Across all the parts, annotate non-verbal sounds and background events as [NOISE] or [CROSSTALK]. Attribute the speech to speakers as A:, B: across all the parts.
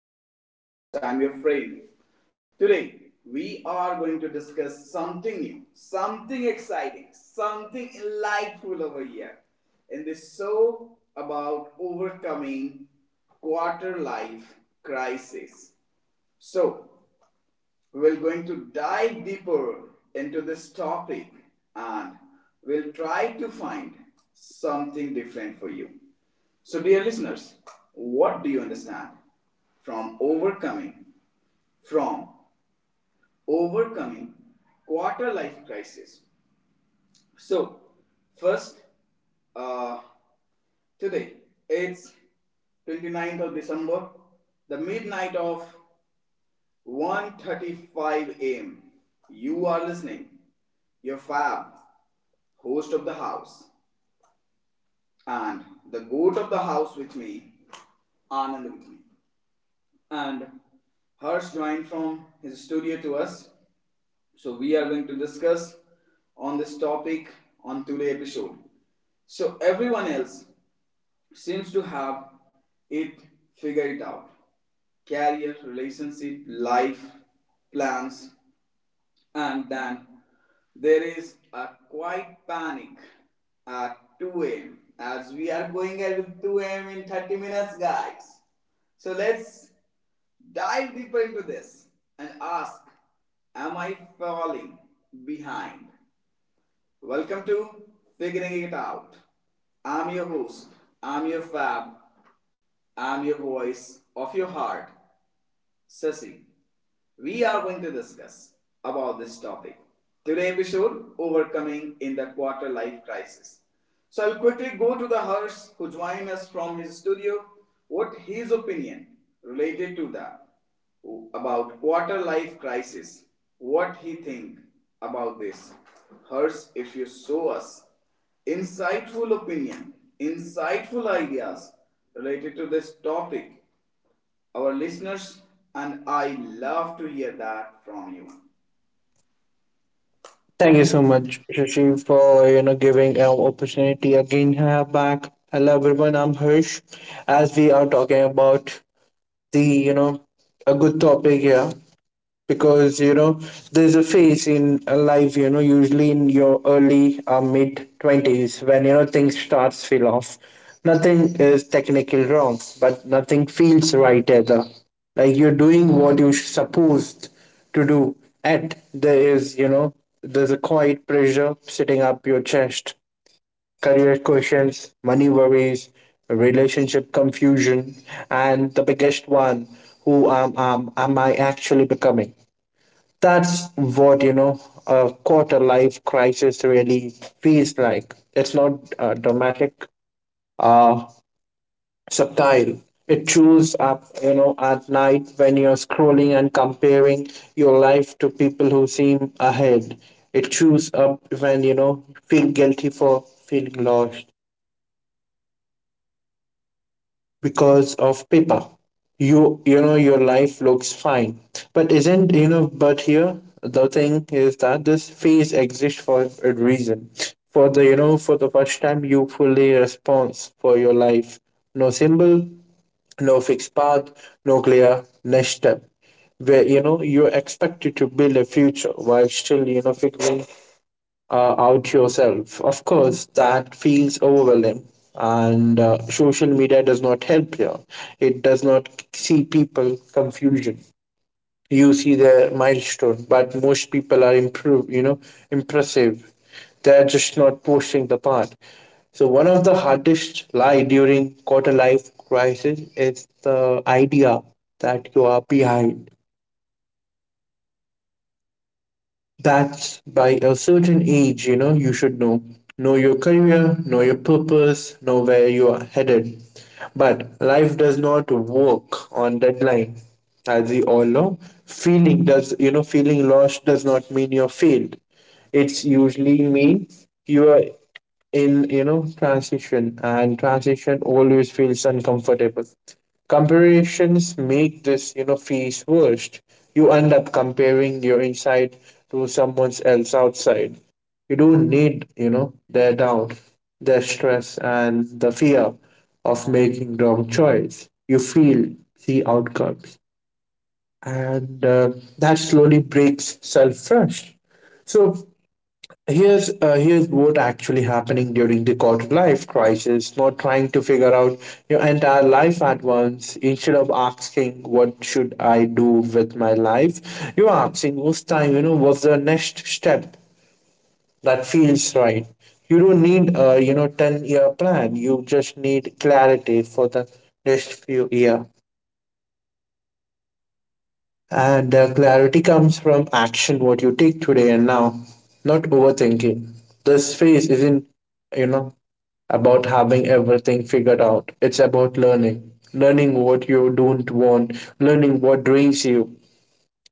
A: ones. I'm your host, I'm your friend. Today, we are going to discuss something new, something exciting, something delightful over here in this show about overcoming quarter life crisis. So, we're going to dive deeper into this topic and we'll try to find something different for you. So, dear listeners, what do you understand from overcoming from overcoming quarter life crisis? So, first, uh, today it's 29th of December, the midnight of 1:35 a.m. You are listening, your fab host of the house and the goat of the house with me, Anand with me. And Harsh joined from his studio to us. So we are going to discuss on this topic on today episode. So everyone else seems to have it figured out. Career, relationship, life, plans, and then there is a quiet panic at 2 a.m. as we are going at 2 a.m. in 30 minutes, guys. So let's dive deeper into this and ask, am I falling behind? Welcome to Figuring It Out. I'm your host, I'm your fab, I'm your voice of your heart. Sasi. We are going to discuss about this topic. Today episode overcoming in the quarter life crisis. So I'll quickly go to the Harsh who joined us from his studio. What his opinion related to that about quarter life crisis? What he think about this? Hers? If you show us insightful opinion, insightful ideas related to this topic, our listeners and I love to hear that from you.
B: Thank you so much, Shashi, for giving an opportunity again here back. Hello everyone, I'm Hirsch. As we are talking about the you know a good topic here, because there's a phase in life, usually in your early mid 20s, when things starts feel off. Nothing is technically wrong but nothing feels right either, like you're doing what you're supposed to do, and there is you know there's a quiet pressure sitting up your chest. Career questions, money worries, relationship confusion, and the biggest one, who am I actually becoming? That's what, a quarter life crisis really feels like. It's not dramatic, uh subtle. It shows up, at night when you're scrolling and comparing your life to people who seem ahead. It shows up when feel guilty for feeling lost, because of paper, your life looks fine but isn't, but here the thing is that this phase exists for a reason. For the, for the first time, you fully response for your life. No symbol, no fixed path, no clear next step, where, you're expected to build a future while still, figuring out yourself. Of course, that feels overwhelming. And social media does not help here. It does not see people confusion. You see their milestone, but most people are improve, impressive. They're just not posting the part. So one of the hardest lie during quarter life crisis is the idea that you are behind, that by a certain age, you should know. Know your career, know your purpose, know where you are headed. But life does not work on deadline, as we all know. Feeling does, feeling lost does not mean you're failed. It's usually mean you are in, transition, and transition always feels uncomfortable. Comparisons make this, fees worst. You end up comparing your inside to someone else outside. You don't need, their doubt, their stress, and the fear of making wrong choice. You feel the outcomes, and that slowly breaks self-trust. So here's here's what actually happening during the quarter life crisis. Not trying to figure out your entire life at once. Instead of asking what should I do with my life, you're asking what's time. What's the next step that feels right. You don't need a 10 year plan. You just need clarity for the next few year. And the clarity comes from action, what you take today and now, not overthinking. This phase isn't, you know, about having everything figured out. It's about learning, learning what you don't want, learning what drains you,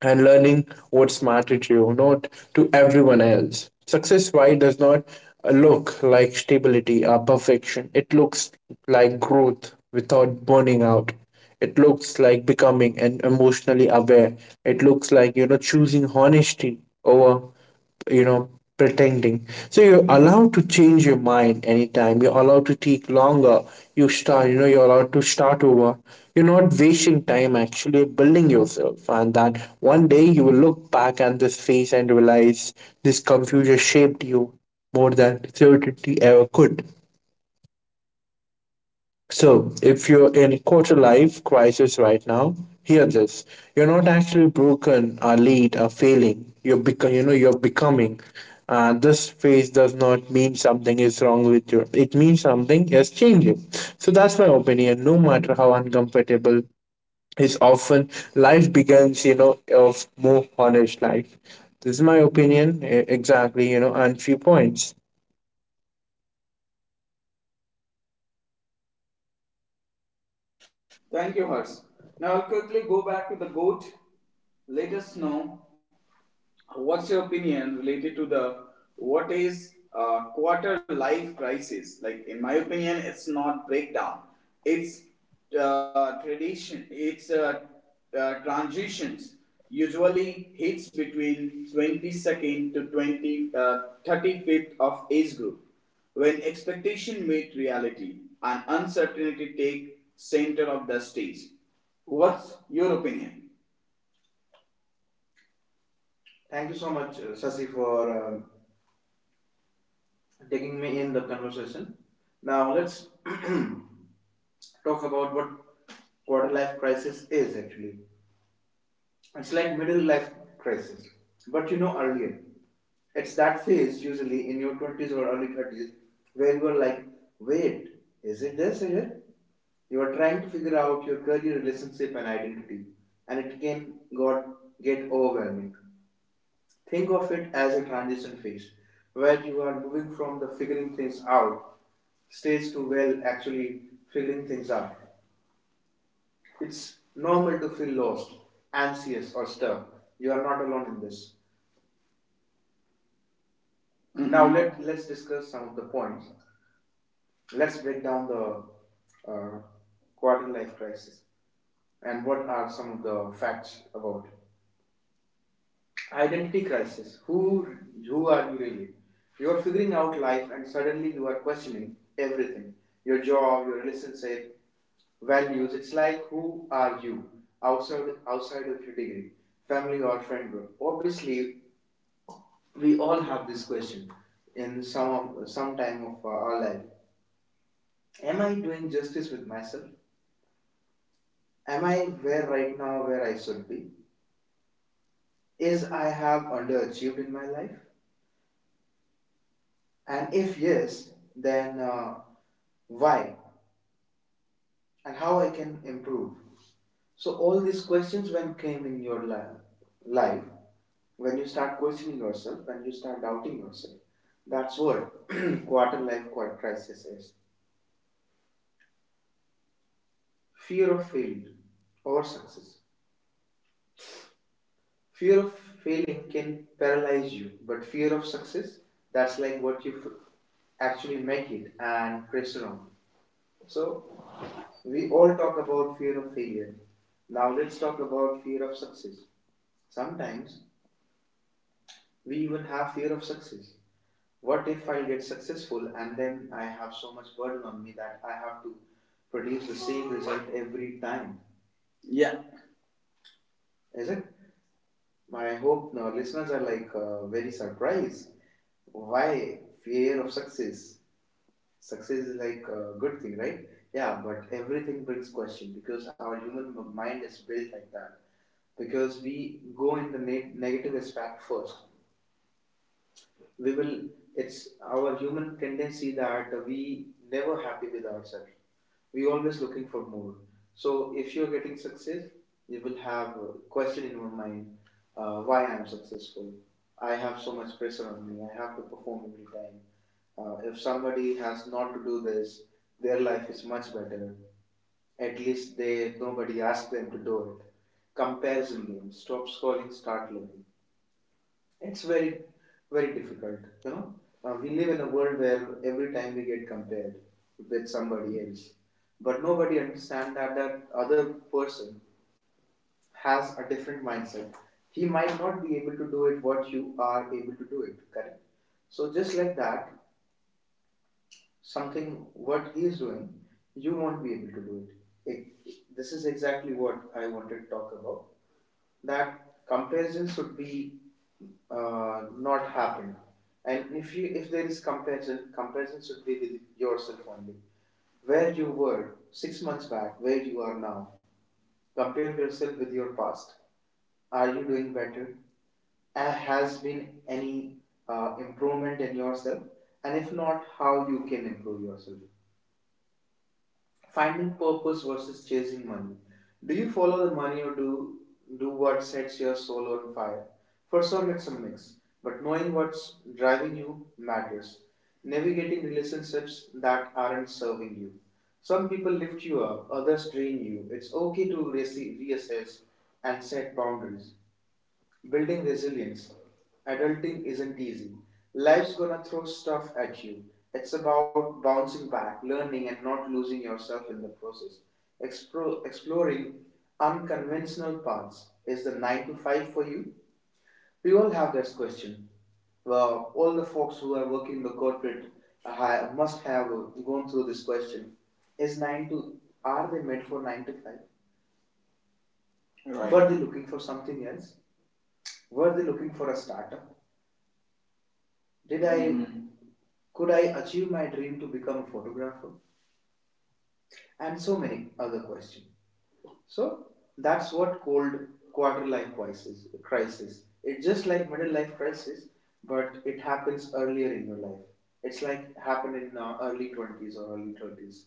B: and learning what's mattered to you, not to everyone else. Success, why, does not look like stability or perfection. It looks like growth without burning out. It looks like becoming and emotionally aware. It looks like, choosing honesty over, you know pretending. So you're allowed to change your mind anytime, you're allowed to take longer, you start, you're allowed to start over. You're not wasting time, actually building yourself, and that one day you will look back at this phase and realize this confusion shaped you more than certainty ever could. So if you're in quarter life crisis right now, hear this. You're not actually broken or late or failing. You're becoming, you're becoming. This phase does not mean something is wrong with you. It means something is changing. So that's my opinion. No matter how uncomfortable is often, life begins, of more honest life. This is my opinion, exactly, and few points.
A: Thank you, Hers. Now I'll quickly go back to the goat. Let us know, what's your opinion related to the what is quarter life crisis? Like in my opinion, it's not breakdown. It's tradition. It's transitions. Usually hits between 22nd to 20, 35th of age group when expectation meet reality and uncertainty take center of the stage. What's your opinion? Thank you so much, Sasi, for taking me in the conversation. Now let's [CLEARS THROAT] talk about what quarter life crisis is actually. It's like middle life crisis, but you know earlier. It's that phase usually in your 20s or early 30s where you are like, wait, is it this? Is it? You are trying to figure out your career, relationship, and identity, and it can got get overwhelming. Think of it as a transition phase where you are moving from the figuring things out stage to well actually figuring things out. It's normal to feel lost, anxious, or stuck. You are not alone in this. Mm-hmm. Now Mhm. Let's discuss some of the points. Let's break down the uh, quarter life crisis and what are some of the facts about it. Identity crisis. Who are you really? You are figuring out life, and suddenly you are questioning everything: your job, your relationship, values. It's like who are you outside of your degree, family or friend group? Obviously, we all have this question in some time of our life. Am I doing justice with myself? Am I where right now where I should be? Is I have underachieved in my life? And if yes, then why and how I can improve. So all these questions when came in your life, when you start questioning yourself, when you start doubting yourself, that's what [CLEARS THROAT] quarter life crisis is. Fear of failure or success. Fear of failing can paralyze you, but fear of success, that's like what you actually make it and pressure on. So we all talk about fear of failure. Now let's talk about fear of success. Sometimes we even have fear of success. What if I get successful and then I have so much burden on me that I have to produce the same result every time? Yeah. Is it? I hope our listeners are like very surprised. Why fear of success? Success is like a good thing, right? Yeah, but everything brings question because our human mind is built like that, because we go in the negative aspect first. We will. It's our human tendency that we never happy with ourselves. We always looking for more. So if you're getting success, you will have a question in your mind: why I'm successful? I have so much pressure on me. I have to perform every time. If somebody has not to do this, their life is much better. At least they nobody asked them to do it. Comparison game. Stop scrolling, start living. It's very, very difficult. You know, we live in a world where every time we get compared with somebody else, but nobody understands that other person has a different mindset. He might not be able to do it what you are able to do it. Correct. So just like that, something what he is doing, you won't be able to do it. it. This is exactly what I wanted to talk about. That comparison should be not happen. And if there is comparison, comparison should be with yourself only. Where you were 6 months back, where you are now. Compare yourself with your past. Are you doing better? Has been any improvement in yourself? And if not, how you can improve yourself? Finding purpose versus chasing money. Do you follow the money or do what sets your soul on fire? For some it's a mix, but knowing what's driving you matters. Navigating relationships that aren't serving you. Some people lift you up, others drain you. It's okay to reassess and set boundaries. Building resilience. Adulting isn't easy. Life's gonna throw stuff at you. It's about bouncing back, learning, and not losing yourself in the process. Exploring unconventional paths. Is the 9 to 5 for you? We all have this question. Well, all the folks who are working in the corporate must have gone through this question. Is 9 to are they meant for 9 to 5? Right. Were they looking for something else? Were they looking for a startup? Did I Mhm. Could I achieve my dream to become a photographer? And so many other questions. So that's what cold quarter life crisis. It's just like middle life crisis, but it happens earlier in your life. It's like happened in early 20s or early 30s.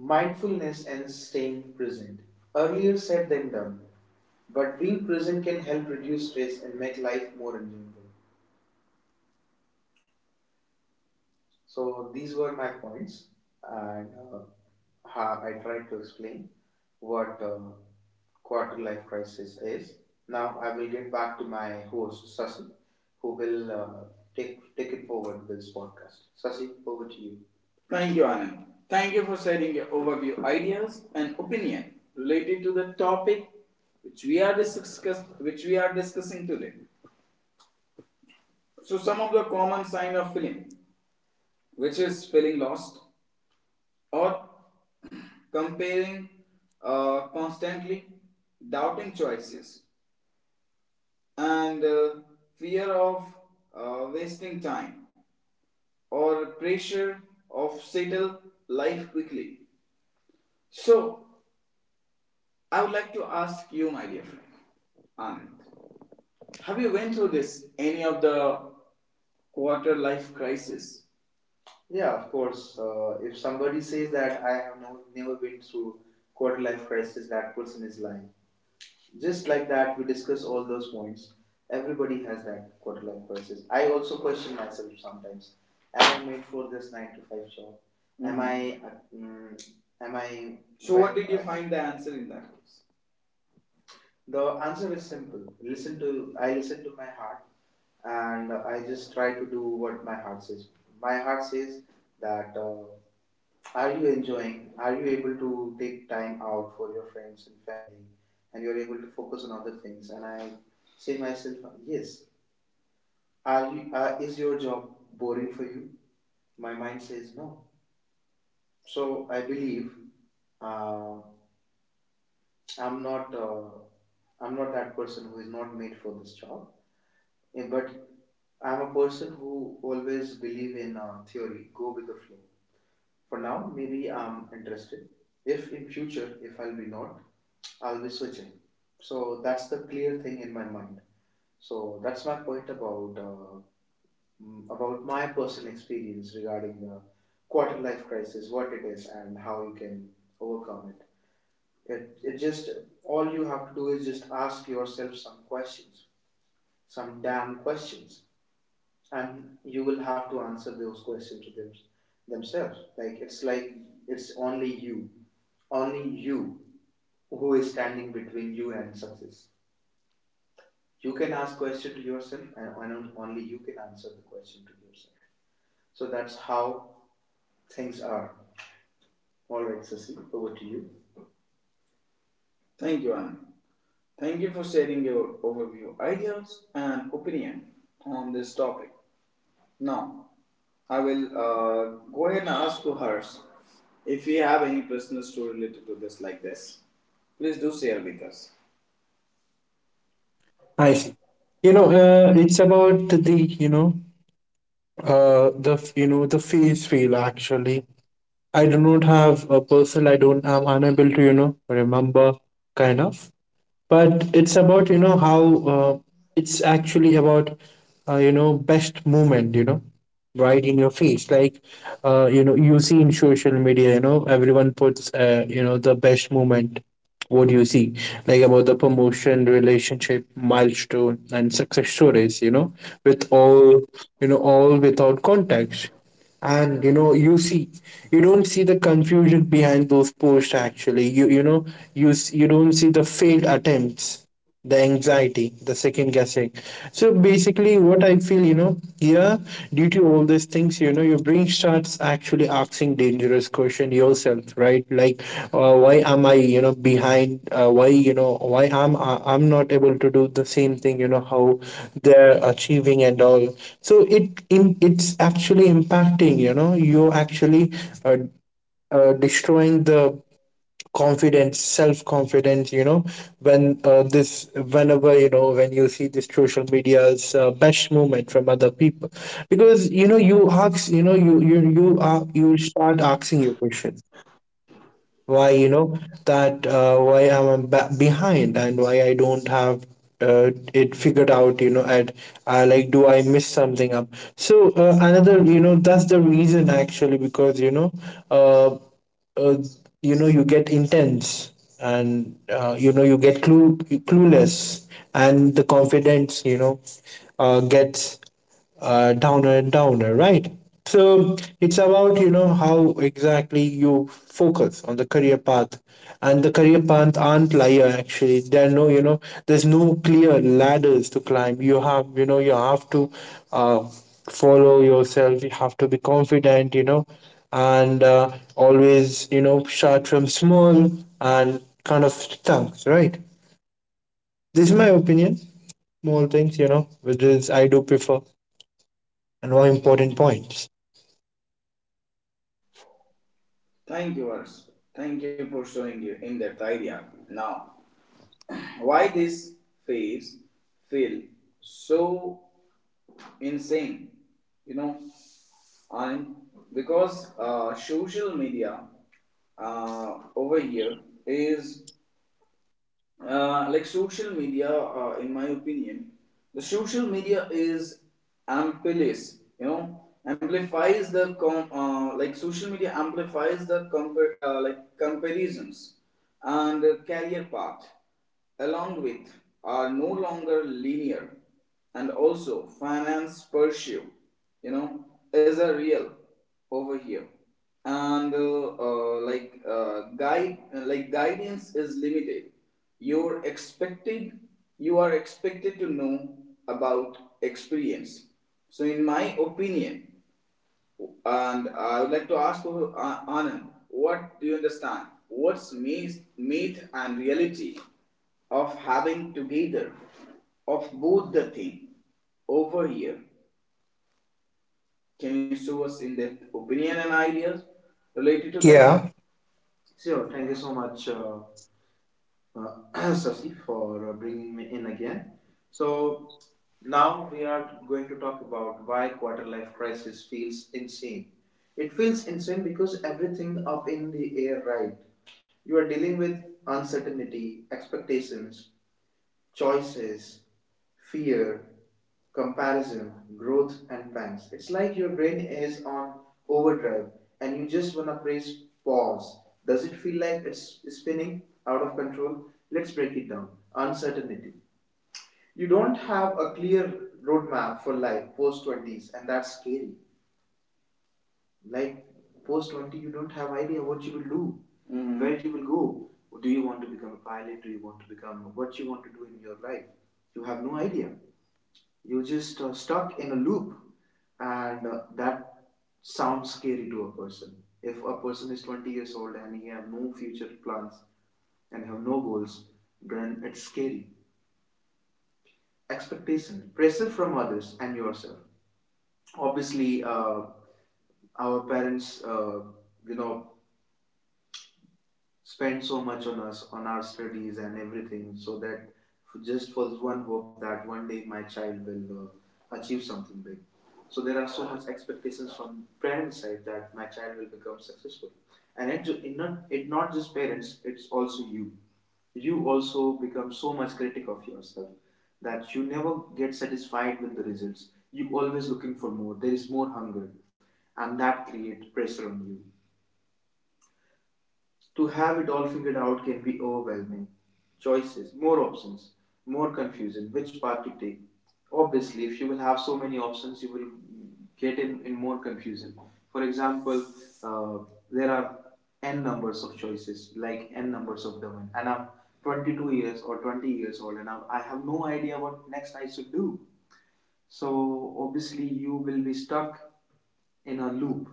A: Mindfulness and staying present. Earlier said than done, but being present can help reduce stress and make life more enjoyable. So these were my points, and how I tried to explain what quarter life crisis is. Now I will get back to my host Sasi, who will take it forward with this podcast. Sasi, over to you. Thank you, Anand. Thank you for sharing your overview ideas and opinion related to the topic which which we are discussing today. So some of the common sign of feeling, which is feeling lost or comparing constantly, doubting choices, and fear of wasting time or pressure of settle life quickly. So, I would like to ask you, my dear friend, Anand, have you went through this any of the quarter life crisis? Yeah, of course. If somebody says that I have no, never been through quarter life crisis, that person is lying. Just like that we discuss all those points, everybody has that quarter life crisis. I also question myself sometimes, am I made for this 9 to 5 job? Mm-hmm. Am I So, what did you find the answer in that case? The answer is simple. Listen to I listen to my heart, and I just try to do what my heart says. My heart says that are you enjoying? Are you able to take time out for your friends and family, and you're able to focus on other things? And I say myself, yes. Are you? Is your job boring for you? My mind says no. So I believe uh, I'm not. Uh, I'm not that person who is not made for this job. Eh, but I'm a person who always believe in theory. Go with the flow. For now, maybe I'm interested. If in future, if I'll be not, I'll be switching. So that's the clear thing in my mind. So that's my point about about my personal experience regarding the quarter life crisis, what it is, and how you can overcome it. It just all you have to do is just ask yourself some questions, some damn questions, and you will have to answer those questions to themselves. It's only you who is standing between you and success. You can ask question to yourself, and only you can answer the question to yourself. So that's how things are. All right, Sasi, over to you. Thank you, Anand. Thank you for sharing your overview, ideas, and opinion on this topic. Now, I will go ahead and ask to Harsh if you have any personal story related to this, like this. Please do share with us.
B: I see. It's about the, the face feel actually. I do not have a person. I don't. I'm unable to remember kind of. But it's about how uh, it's actually about best moment. Right in your face, like you see in social media, everyone puts, the best moment what you see, like about the promotion, relationship, milestone, and success stories, with all, all without context. And you see, you don't see the confusion behind those posts. Actually, you know you don't see the failed attempts, the anxiety, the second guessing. So basically, what I feel, here, due to all these things, your brain starts actually asking dangerous question yourself, right? Like, why am I, behind? Why, I'm not able to do the same thing? You know how they're achieving and all. So it's actually impacting. You actually. Uh, destroying the confidence, self confidence, when this whenever, when you see this social media's best movement from other people, because, you are, you start asking your question, why, that why I'm behind and why I don't have it figured out, at i, like, do I miss something up? So another, that's the reason. Actually, because uh, uh, you get intense, and you get clueless, and the confidence, gets downer and downer, right? So it's about, how exactly you focus on the career path, and the career path aren't linear. Actually, there are no, there's no clear ladders to climb. You have, you have to uh, follow yourself. You have to be confident. And always, start from small and kind of things, right? This is my opinion. Small things, which is I do prefer, and more important points.
A: Thank you, Harsh. Thank you for showing your in depth idea. Now, why these faves feel so insane, you know, and because social media over here is in my opinion, the social media is amplifies, you know, amplifies the comparisons, and the career path along with are no longer linear, and also finance pursuit, you know, is a real over here, and like guide like guidance is limited. you're expected you are expected to know about experience. So in my opinion, and I would like to ask you, Anand, what do you understand, what's myth and reality of having together of both the thing over here? Can you show us in depth opinion and ideas related to this?
B: Yeah,
A: Sure, thank you so much, [CLEARS THROAT] Sasi, for bringing me in again. So, now we are going to talk about why quarter life crisis feels insane. It feels insane because everything up in the air, right? You are dealing with uncertainty, expectations, choices, fear, comparison, growth, and pangs. It's like your brain is on overdrive, and you just want to press pause. Does it feel like it's spinning out of control? Let's break it down. Uncertainty. You don't have a clear roadmap for life post 20s, and that's scary. Like post 20, you don't have idea what you will do, Mhm, where you will go. Do you want to become a pilot? Do you want to become what you want to do in your life? You have no idea. You're just stuck in a loop, and that sounds scary to a person. If a person is 20 years old and he have no future plans and have no goals, then it's scary. Expectation, pressure from others and yourself. Obviously, our parents, you know, spend so much on us, on our studies and everything, so that just for one hope that one day my child will achieve something big. So there are so much expectations from parents' side that my child will become successful, and it not just parents, it's also you. You also become so much critic of yourself that you never get satisfied with the results. You always looking for more. There is more hunger, and that create pressure on you to have it all figured out can be overwhelming. Choices, more options, more confusion. Which path to take? Obviously, if you will have so many options, you will get in more confusion. For example, uh, there are n numbers of choices, like n numbers of domain, and I'm 22 years or 20 years old, and I have no idea what next I should do. So obviously, you will be stuck in a loop,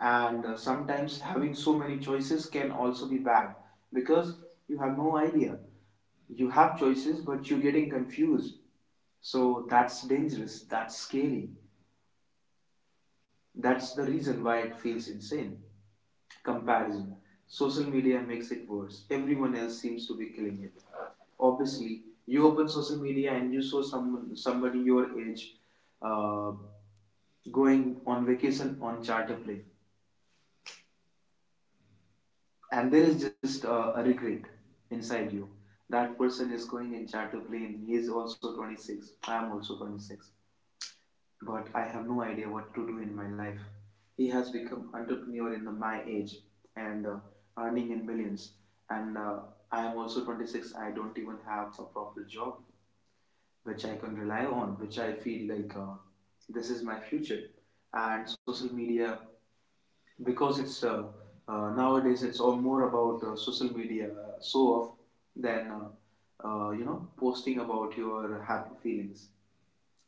A: and sometimes having so many choices can also be bad, because you have no idea. You have choices but you're getting confused, so that's dangerous, that's scary, that's the reason why it feels insane. Comparison. Social media makes it worse. Everyone else seems to be killing it. Obviously you open social media and you saw someone somebody your age uh, going on vacation on charter plane, and there is just a regret inside you that person is going in charter plane. He is also 26, I am also 26, but I have no idea what to do in my life. He has become entrepreneur in my age, and earning in millions, and I am also 26, I don't even have a proper job which I can rely on, which I feel like this is my future. And social media, because it's nowadays it's all more about social media so off than you know posting about your happy feelings.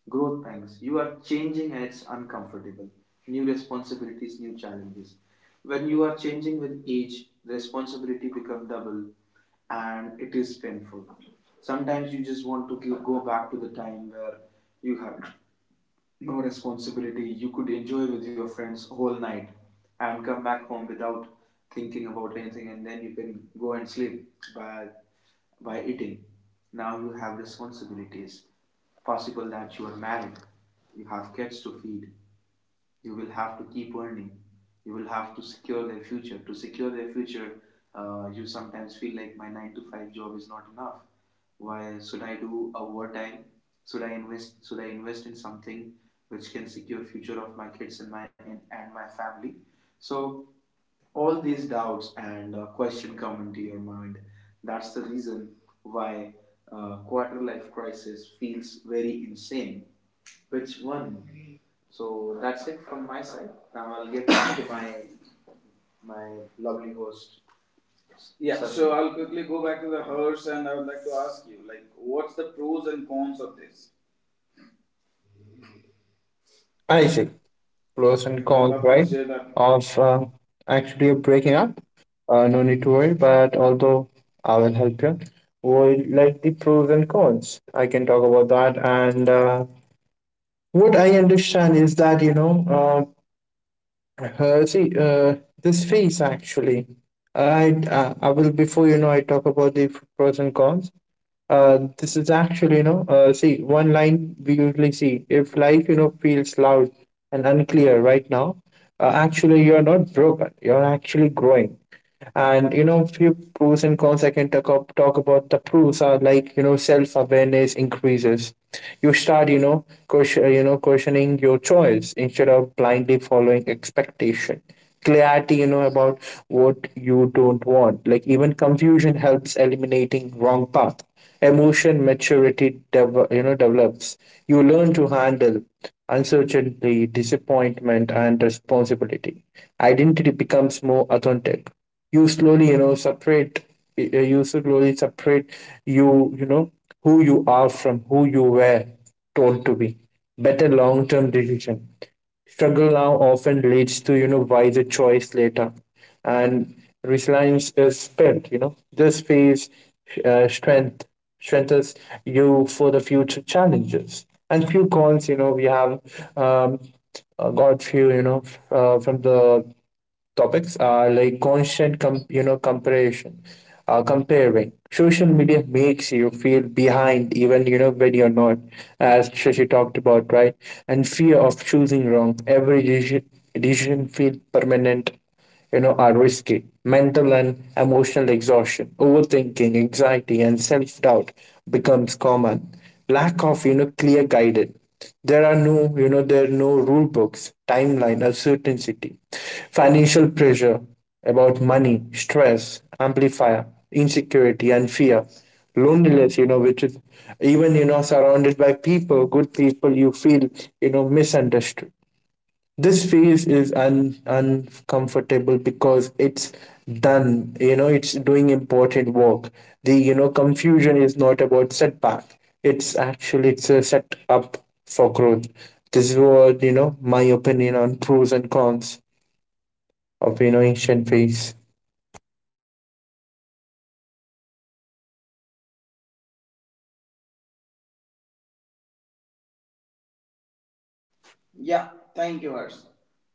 A: Growth pangs, you are changing and it's uncomfortable. New responsibilities, new challenges. When you are changing with age, the responsibility become double, and it is painful. Sometimes you just want to go back to the time where you had no responsibility. You could enjoy with your friends whole night and come back home without thinking about anything, and then you can go and sleep by by eating. Now you have responsibilities. Possible that you are married, you have kids to feed, you will have to keep earning, you will have to secure their future to secure their future. You sometimes feel like my 9 to 5 job is not enough. Why should I do overtime? Should I invest in something which can secure future of my kids and and my family. So all these doubts and question come into your mind, that's the reason why quarter life crisis feels very insane. Which one? So that's it from my side. Now I'll get back [COUGHS] to my lovely host. Yeah. Sorry, so I'll quickly go back to the hearse, and I would like to ask you, like, what's the pros and cons of this?
B: I see. Pros and
A: If you
B: cons,
A: love to
B: right?
A: share that.
B: Of actually breaking up. No need to worry, but although I will help you. Well, like the pros and cons, I can talk about that. And what I understand is that, see, this phase actually, I will, before, I talk about the pros and cons. This is actually, see, one line we usually see, if life, feels loud and unclear right now, actually, you're not broken, you're actually growing. And, few pros and cons I can talk about. The pros are like, self awareness increases. You start, questioning your choice instead of blindly following expectation. Clarity, about what you don't want. Like, even confusion helps eliminating wrong path. Emotion maturity, develops. You learn to handle uncertainty, disappointment, and responsibility. Identity becomes more authentic. You slowly you know separate you slowly separate you you know who you are from who you were told to be. Better long term decision, struggle now often leads to, wiser choice later. And resilience is spent, this phase uh, strength strengthens you for the future challenges. And few cons, we have, um, got few, from the topics are like constant comparison. Comparing social media makes you feel behind even, when you're not, as Shashi talked about, right? And fear of choosing wrong, decision feel permanent, are risky. Mental and emotional exhaustion, overthinking, anxiety, and self-doubt becomes common. Lack of, clear guidance. There are no, there are no rule books, timeline, uncertainty, financial pressure about money, stress, amplifier, insecurity, and fear. Loneliness, which is, even, surrounded by people, good people, you feel, misunderstood. This phase is uncomfortable because it's done you know it's doing important work. The, confusion is not about setback, it's actually it's a set up for growth. This is what, my opinion on pros and cons of, ancient phase.
A: Yeah, thank you, Harsh.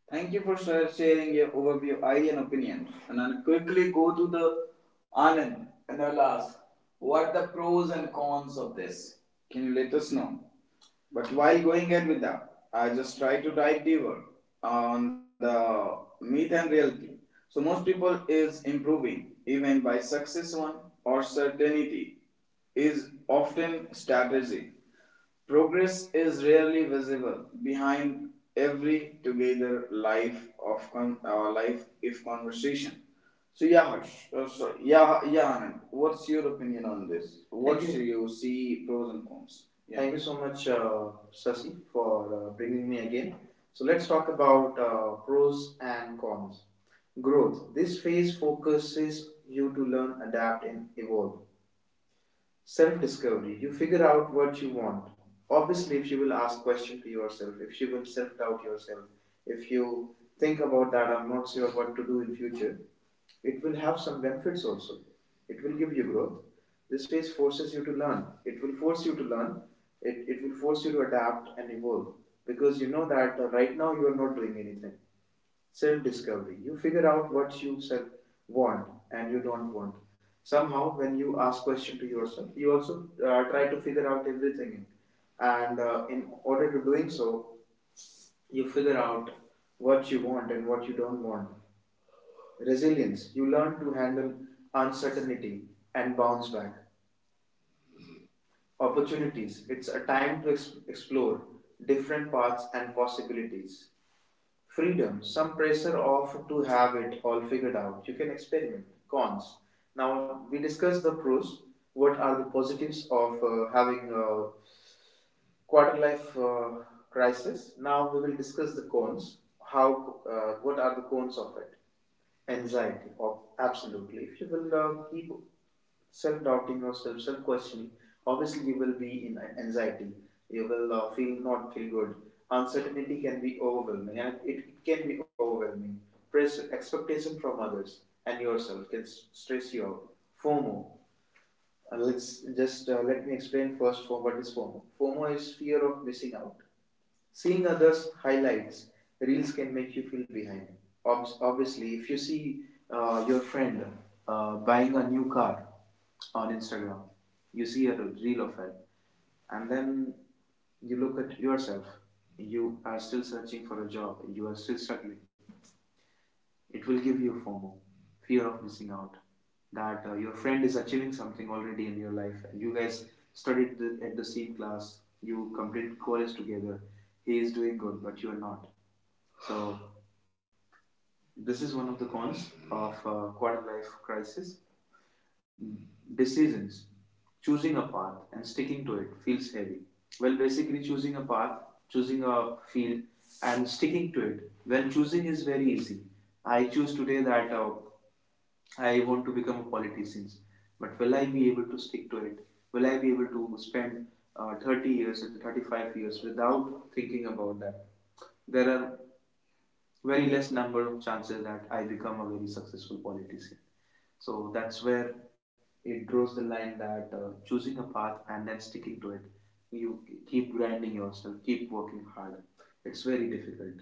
A: Thank you for sharing your overview, idea, and opinions. And I'll quickly go to the Anand and I'll ask, what are the pros and cons of this? Can you let us know? But while going ahead with that, I just try to dive deeper on the myth and reality. So most people is improving, even by success one or certainty is often strategy. Progress is rarely visible behind every together life of our life if conversation. So yeah, Harsh. Oh, sorry. Yeah, Anand. What's your opinion on this? What Thank do you. You see pros and cons? Yeah. Thank you so much, Sasi, for bringing me again. So let's talk about pros and cons. Growth. This phase focuses you to learn, adapt, and evolve. Self discovery. You figure out what you want. Obviously, if you will ask question to yourself, if you will self doubt yourself, if you think about that, I'm not sure what to do in future, it will have some benefits also. It will give you growth. This phase forces you to learn. It will force you to learn. It will force you to adapt and evolve because you know that right now you are not doing anything. Self discovery. You figure out what you self want and you don't want. Somehow, when you ask question to yourself, you also try to figure out everything, and in order to doing so, you figure out what you want and what you don't want. Resilience. You learn to handle uncertainty and bounce back. Opportunities. It's a time to explore different paths and possibilities. Freedom, some pressure of to have it all figured out. You can experiment. Cons. Now we discussed the pros. What are the positives of having a quarter life crisis? Now we will discuss the cons. How? What are the cons of it? Anxiety. Of absolutely. If you will keep self doubting or self questioning, obviously you will be in anxiety. You will feel not feel good. Uncertainty can be overwhelming, and it can be overwhelming. Pressure, expectation from others and yourself can stress you out. FOMO. Let's just let me explain first for what is FOMO. FOMO is fear of missing out. Seeing others' highlights, reels can make you feel behind. Obviously, if you see your friend buying a new car on Instagram, you see a reel of it, and then you look at yourself. You are still searching for a job, you are still struggling. It will give you FOMO, fear of missing out, that your friend is achieving something already in your life, and you guys studied at the same class, you completed college together. He is doing good, but you are not. So this is one of the cons of quarter life crisis. Decisions, choosing a path and sticking to it feels heavy. Well, basically choosing a path, choosing a field, and sticking to it. Well, choosing is very easy. I choose today that I want to become a politician, but will I be able to stick to it? Will I be able to spend 30 years or 35 years without thinking about that? There are very less number of chances that I become a very successful politician. So that's where it draws the line that choosing a path and then sticking to it, you keep grinding yourself, keep working hard. It's very difficult.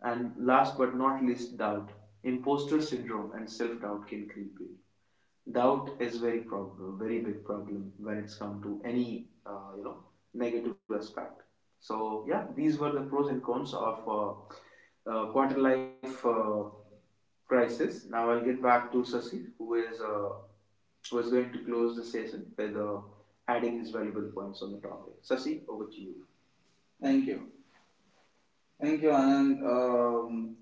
A: And last but not least, doubt. Imposter syndrome and self doubt can creep in. Doubt is very problem very big problem when it's come to any you know negative aspect. So yeah, these were the pros and cons of quarter life crisis. Now I'll get back to sasi who is going to close the session with adding his valuable points on the topic. Sasi, over to you. Thank you. Thank you, Anand.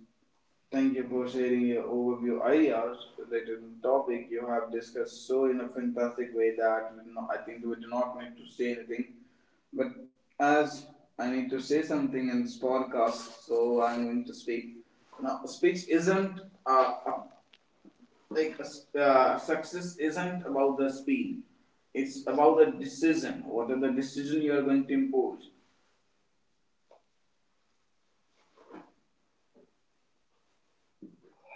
A: Thank you for sharing your overview ideas related to the topic you have discussed so in a fantastic way that we do not, I think we do not need to say anything. But as I need to say something in this podcast, so I'm going to speak. Now, speech isn't uh, uh, like success isn't about the speed. It's about the decision. What are the decision you are going to impose?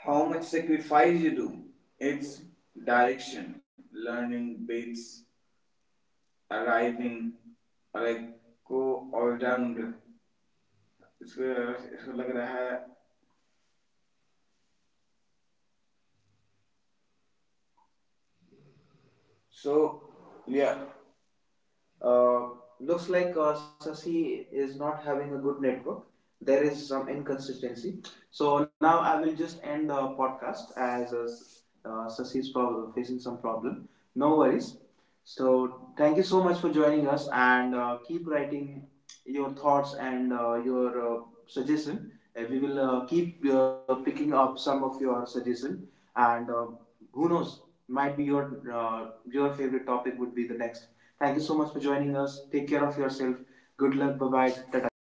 A: How much sacrifice you do. It's direction, learning bits, arriving, like go all down. इसको लग रहा है. So yeah. Uh, looks like Sasi is not having a good network. There is some inconsistency. So now I will just end the podcast as Sasi is facing some problem. No worries. So thank you so much for joining us, and keep writing your thoughts and your suggestion. We will keep picking up some of your suggestion, and who knows, might be your favorite topic would be the next. Thank you so much for joining us. Take care of yourself. Good luck. Bye bye. Tata.